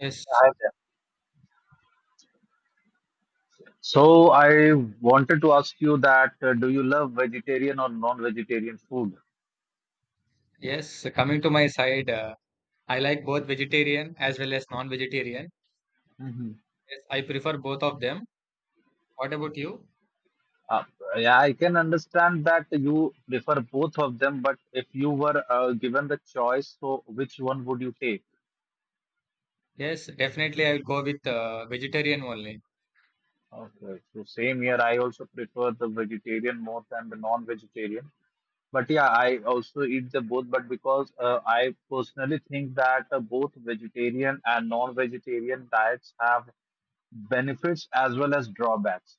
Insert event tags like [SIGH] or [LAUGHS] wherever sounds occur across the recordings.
Yes, I there. So I wanted to ask you that do you love vegetarian or non-vegetarian food? yes. Coming to my side, I like both vegetarian as well as non-vegetarian. Hmm Yes, I prefer both of them. What about you? Uh, yeah, I can understand that you prefer both of them, but if you were given the choice, so which one would you take? Yes, definitely I will go with vegetarian only. Okay, so same here. I also prefer the vegetarian more than the non-vegetarian. But yeah, I also eat the both. But because I personally think that both vegetarian and non-vegetarian diets have benefits as well as drawbacks.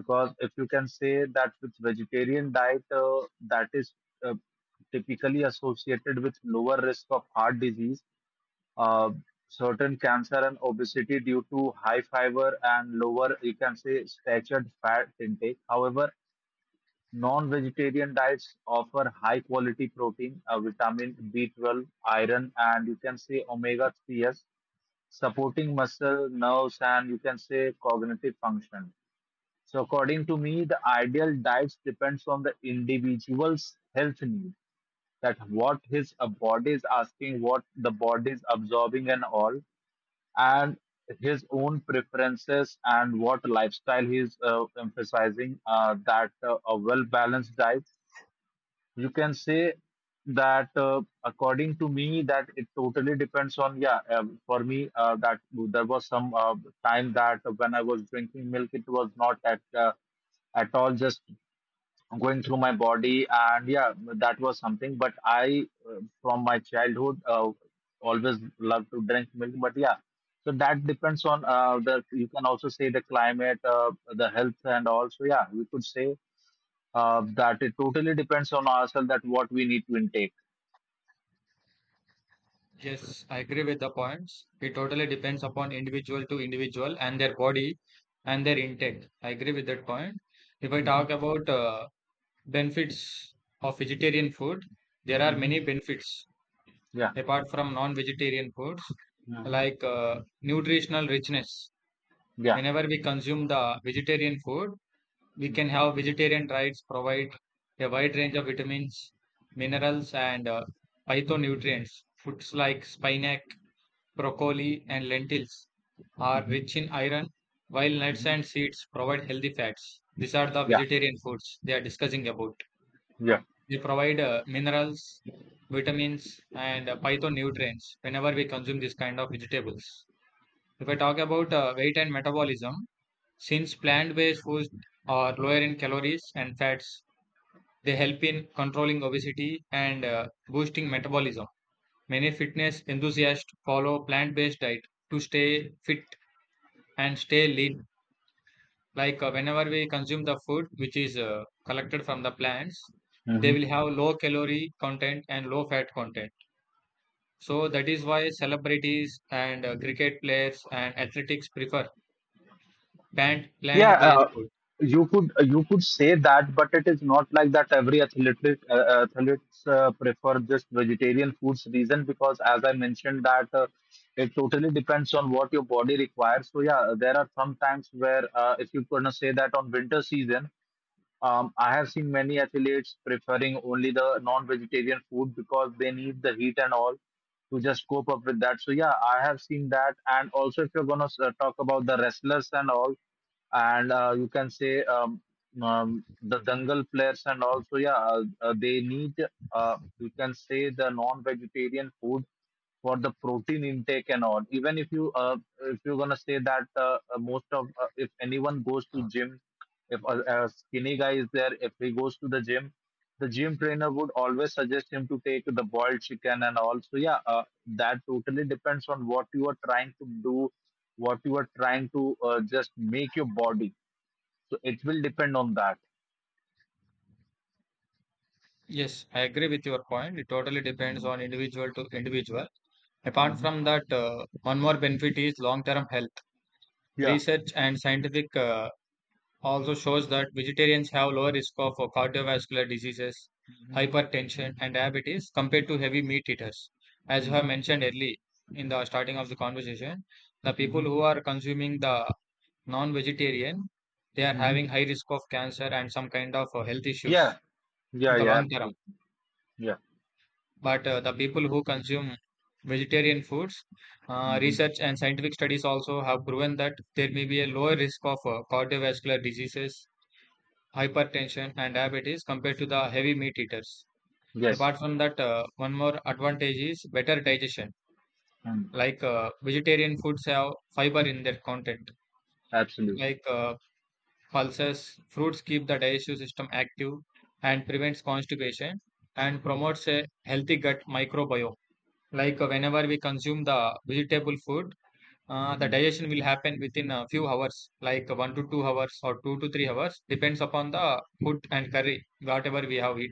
Because if you can say that with vegetarian diet that is uh, typically associated with lower risk of heart disease, uh, certain cancer and obesity due to high fiber and lower, you can say, saturated fat intake. However, non-vegetarian diets offer high quality protein, vitamin b12, iron, and you can say omega 3s, supporting muscle, nerves, and you can say cognitive function. So according to me, the ideal diet depends on the individual's health need, that what his body is asking, what the body is absorbing and all, and his own preferences and what lifestyle he is emphasizing, that a well-balanced diet, you can say that according to me, that it totally depends on, yeah, for me, that there was some time that when I was drinking milk, it was not at at all just going through my body. And yeah, that was something. But I from my childhood always loved to drink milk, but yeah, so that depends on the, you can also say the climate, the health, and also yeah, we could say that it totally depends on ourselves, that what we need to intake. Yes, I agree with the points. It totally depends upon individual to individual and their body and their intake. I agree with that point. If I Mm-hmm. talk about benefits of vegetarian food, there are hmm many benefits yeah apart from non-vegetarian foods, hmm like nutritional richness. yeah Whenever we consume the vegetarian food, we can hmm have vegetarian diets provide a wide range of vitamins, minerals, and phytonutrients. Foods like spinach, broccoli, and lentils are rich in iron, while nuts and hmm seeds provide healthy fats. These are the yeah vegetarian foods they are discussing about. yeah They provide minerals, vitamins, and phytonutrients whenever we consume this kind of vegetables. If I talk about weight and metabolism, since plant-based foods are lower in calories and fats, they help in controlling obesity and boosting metabolism. Many fitness enthusiasts follow plant-based diet to stay fit and stay lean. Like whenever we consume the food which is collected from the plants, they will have low calorie content and low fat content. So that is why celebrities and cricket players and athletics prefer plant Yeah, plant-based food. You could say that, but it is not like that every athlete athletes prefer just vegetarian foods. Reason because, as I mentioned that it totally depends on what your body requires. So yeah, there are some times where if you gonna say that on winter season, I have seen many athletes preferring only the non-vegetarian food because they need the heat and all to just cope up with that. So yeah, I have seen that. And also, if you're gonna talk about the wrestlers and all, and you can say the dangal players and also yeah, they need you can say the non-vegetarian food for the protein intake and all. Even if you if you're gonna say that most of if anyone goes to gym, if a skinny guy is there, if he goes to the gym trainer would always suggest him to take the boiled chicken and all. So yeah, that totally depends on what you are trying to do, what you are trying to just make your body. So it will depend on that. Yes, I agree with your point. It totally depends Mhm, on individual to individual. Apart mhm, from that, one more benefit is long-term health. Yeah, Research and scientific also shows that vegetarians have lower risk of cardiovascular diseases, mhm, hypertension, and diabetes compared to heavy meat eaters. As you have mhm, mentioned early in the starting of the conversation, the people mhm, who are consuming the non-vegetarian, they are mhm, having high risk of cancer and some kind of health yeah, issues in yeah, the yeah, long term. absolutely. Yeah, But the people who consume vegetarian foods, mhm, research and scientific studies also have proven that there may be a lower risk of cardiovascular diseases, hypertension, and diabetes compared to the heavy meat eaters. yes, Apart from that, one more advantage is better digestion. mhm, Like vegetarian foods have fiber in their content, absolutely. like pulses, fruits keep the digestive system active and prevents constipation and promotes a healthy gut microbiome. Like whenever we consume the vegetable food, the digestion will happen within a few hours, like 1 to 2 hours or 2 to 3 hours, depends upon the food and curry, whatever we have eat.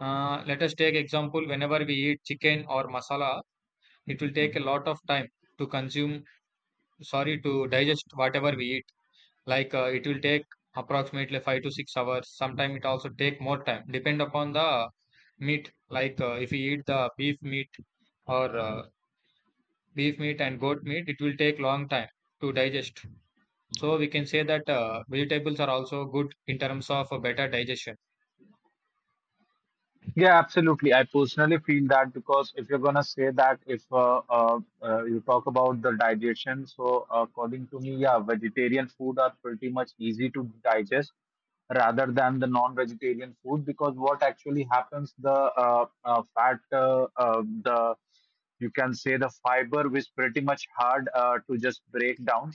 Let us take example, whenever we eat chicken or masala, it will take a lot of time to consume, sorry, to digest whatever we eat. Like it will take approximately 5 to 6 hours. Sometimes it also take more time, depend upon the meat. Like if we eat the beef meat or beef meat and goat meat, it will take long time to digest. So we can say that vegetables are also good in terms of a better digestion. Yeah, absolutely. I personally feel that because if you're gonna say that if you talk about the digestion, so according to me, yeah, vegetarian food are pretty much easy to digest rather than the non-vegetarian food because what actually happens the fat, the, you can say, the fiber which pretty much hard to just break down.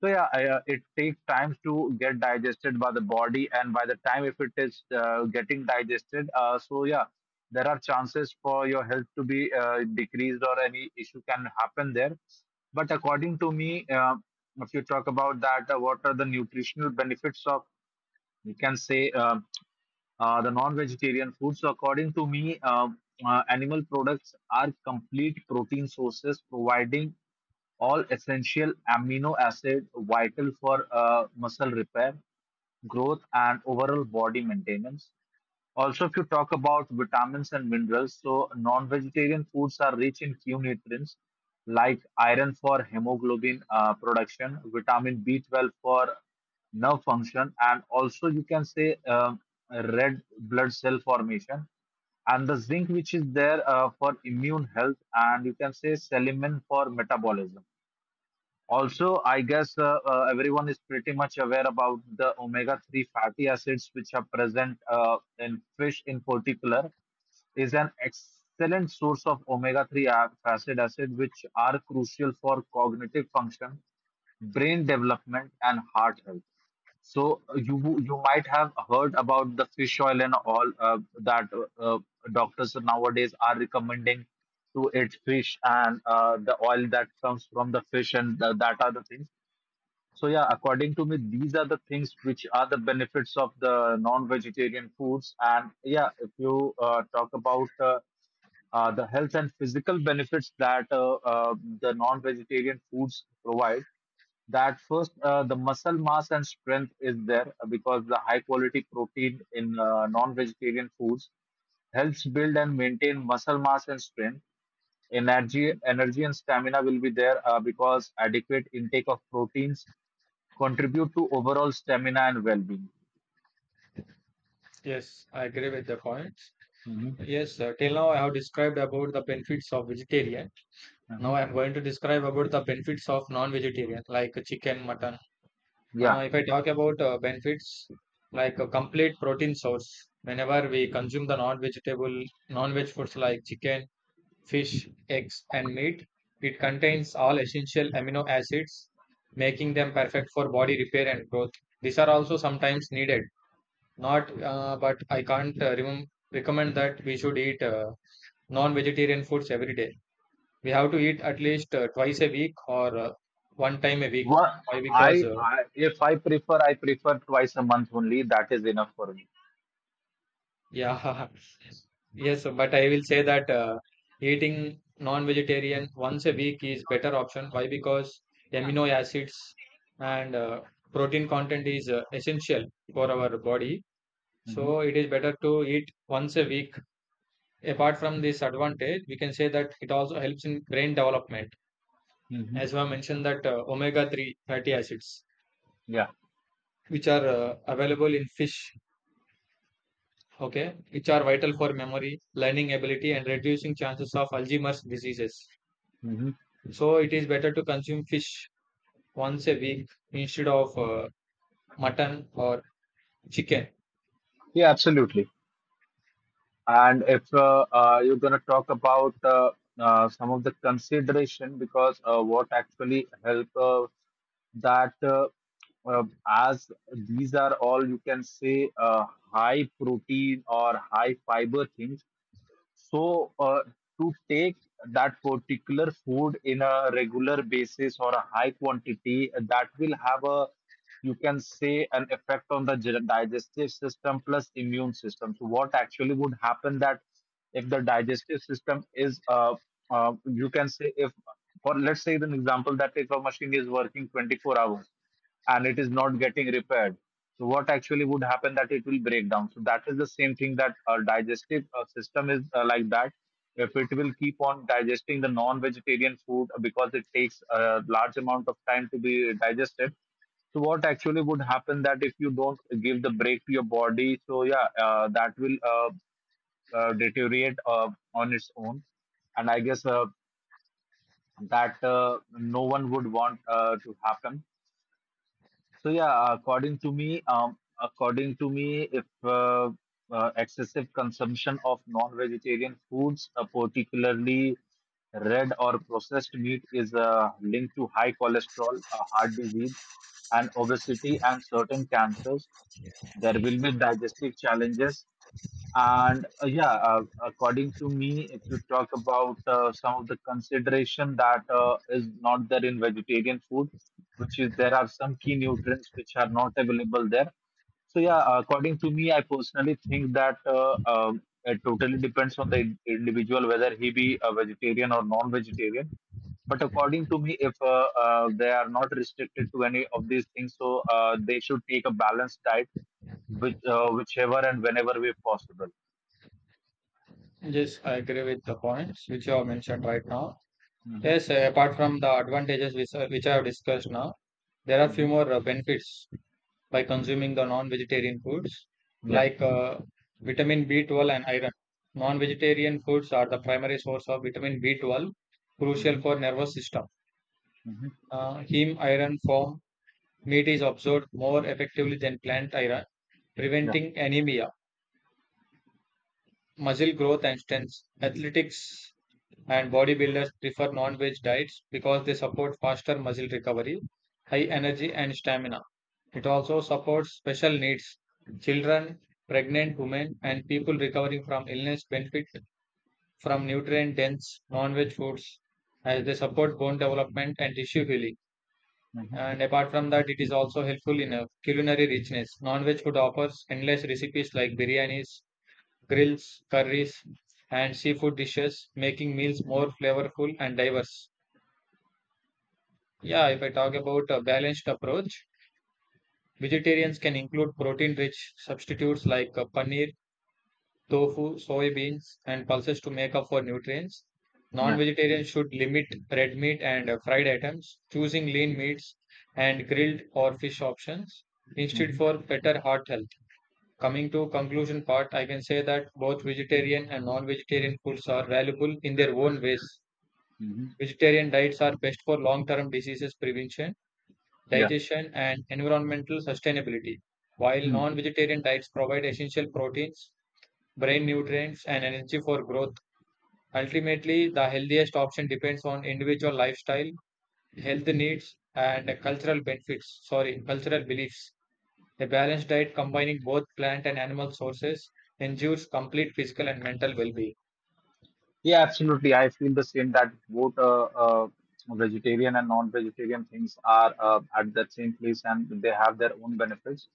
So yeah, I, it takes time to get digested by the body, and by the time if it is getting digested, so yeah, there are chances for your health to be decreased or any issue can happen there. But according to me, if you talk about that, what are the nutritional benefits of? You can say. The non-vegetarian food. So according to me, animal products are complete protein sources providing all essential amino acid vital for muscle repair, growth, and overall body maintenance. Also, if you talk about vitamins and minerals, so non-vegetarian foods are rich in few nutrients like iron for hemoglobin, production, vitamin B12 for nerve function, and also you can say red blood cell formation, and the zinc which is there for immune health, and you can say selenium for metabolism. Also, I guess everyone is pretty much aware about the omega-3 fatty acids which are present in fish in particular, is an excellent source of omega-3 acid acid which are crucial for cognitive function, brain development, and heart health. So you might have heard about the fish oil and all, that doctors nowadays are recommending to eat fish and the oil that comes from the fish and that are the things. So yeah, according to me, these are the things which are the benefits of the non-vegetarian foods. And yeah, if you talk about the health and physical benefits that the non-vegetarian foods provide, that first the muscle mass and strength is there because the high quality protein in non-vegetarian foods helps build and maintain muscle mass and strength. Energy and stamina will be there because adequate intake of proteins contribute to overall stamina and well-being. Yes, I agree with the points. Hmm Yes, till now I have described about the benefits of vegetarian. Now hmm I am going to describe about the benefits of non-vegetarian, like chicken, mutton. yeah If I talk about benefits, like a complete protein source. Whenever we consume the non-vegetable, non-veg foods like chicken, fish, eggs, and meat. It contains all essential amino acids, making them perfect for body repair and growth. These are also sometimes needed. Not, but I can't recommend that we should eat non-vegetarian foods every day. We have to eat at least twice a week or one time a week. Wha- Why? Because I, I if i prefer twice a month only. That is enough for me. [LAUGHS] yeah. Yes, but I will say that eating non-vegetarian once a week is better option. Why? Because amino acids and protein content is essential for our body. Hmm So it is better to eat once a week. Apart from this advantage, we can say that it also helps in brain development. hmm As I mentioned that omega-3 fatty acids, yeah which are available in fish, okay, which are vital for memory, learning ability, and reducing chances of Alzheimer's diseases. hmm So it is better to consume fish once a week instead of mutton or chicken. yeah absolutely. And if you're going to talk about some of the consideration, because what actually help that as these are all, you can say, high protein or high fiber things, so, to take that particular food in a regular basis or a high quantity, that will have a, you can say, an effect on the digestive system plus immune system. So, what actually would happen that if the digestive system is, you can say, if, for let's say an example that if a machine is working 24 hours and it is not getting repaired, so what actually would happen that it will break down. So that is the same thing that our digestive system is like that. If it will keep on digesting the non-vegetarian food because it takes a large amount of time to be digested. So what actually would happen that if you don't give the break to your body, so yeah, that will deteriorate on its own, and I guess that no one would want to happen. So yeah, according to me, if excessive consumption of non-vegetarian foods, particularly red or processed meat, is linked to high cholesterol, heart disease, and obesity, and certain cancers. There will be digestive challenges, and yeah, according to me, if you talk about some of the consideration that is not there in vegetarian food, which is there are some key nutrients which are not available there. So yeah, according to me, I personally think that it totally depends on the individual whether he be a vegetarian or non-vegetarian. But according to me, if they are not restricted to any of these things, so they should take a balanced diet, which whichever and whenever way possible. Yes, I agree with the points which you have mentioned right now. Mhm, Yes, apart from the advantages which I have discussed now, there are few mhm, more benefits by consuming the non-vegetarian foods Yeah, like vitamin B12 and iron. Non-vegetarian foods are the primary source of vitamin B12, crucial mhm, for nervous system. mhm, Heme iron from meat is absorbed more effectively than plant iron, yeah, preventing anemia, muscle growth and strength. Athletics and bodybuilders prefer non veg diets because they support faster muscle recovery, high energy, and stamina. It also supports special needs. Children, pregnant women, and people recovering from illness benefit from nutrient dense non veg foods as they support bone development and tissue healing. mhm, And apart from that, it is also helpful in a culinary richness. Non veg food offers endless recipes like biryanis, grills, curries, and seafood dishes, making meals more mhm, flavorful and diverse. Yeah, if I talk about a balanced approach, vegetarians can include protein rich substitutes like paneer, tofu, soybeans, and pulses to make up for nutrients. Non yeah, vegetarians should limit red meat and fried items, choosing lean meats and grilled or fish options instead mhm, for better heart health. Coming to conclusion part, I can say that both vegetarian and non-vegetarian foods are valuable in their own ways. mhm. Vegetarian diets are best for long-term diseases prevention, yeah. digestion, and environmental sustainability, while non-vegetarian diets provide essential proteins, brain nutrients, and energy for growth. Ultimately, the healthiest option depends on individual lifestyle, health needs, and cultural benefits, sorry, cultural beliefs. A balanced diet combining both plant and animal sources ensures complete physical and mental well being. Yeah, absolutely. I feel the same that both vegetarian and non-vegetarian things are at that same place and they have their own benefits.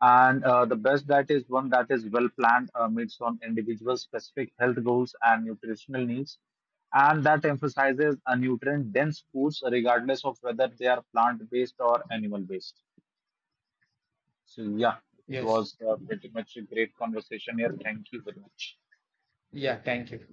And the best diet is one that is well planned, meets on individual specific health goals and nutritional needs, and that emphasizes a nutrient-dense foods regardless of whether they are plant-based or animal-based. So yeah, it Yes. was pretty much a great conversation here. Thank you very much. Yeah. Thank you.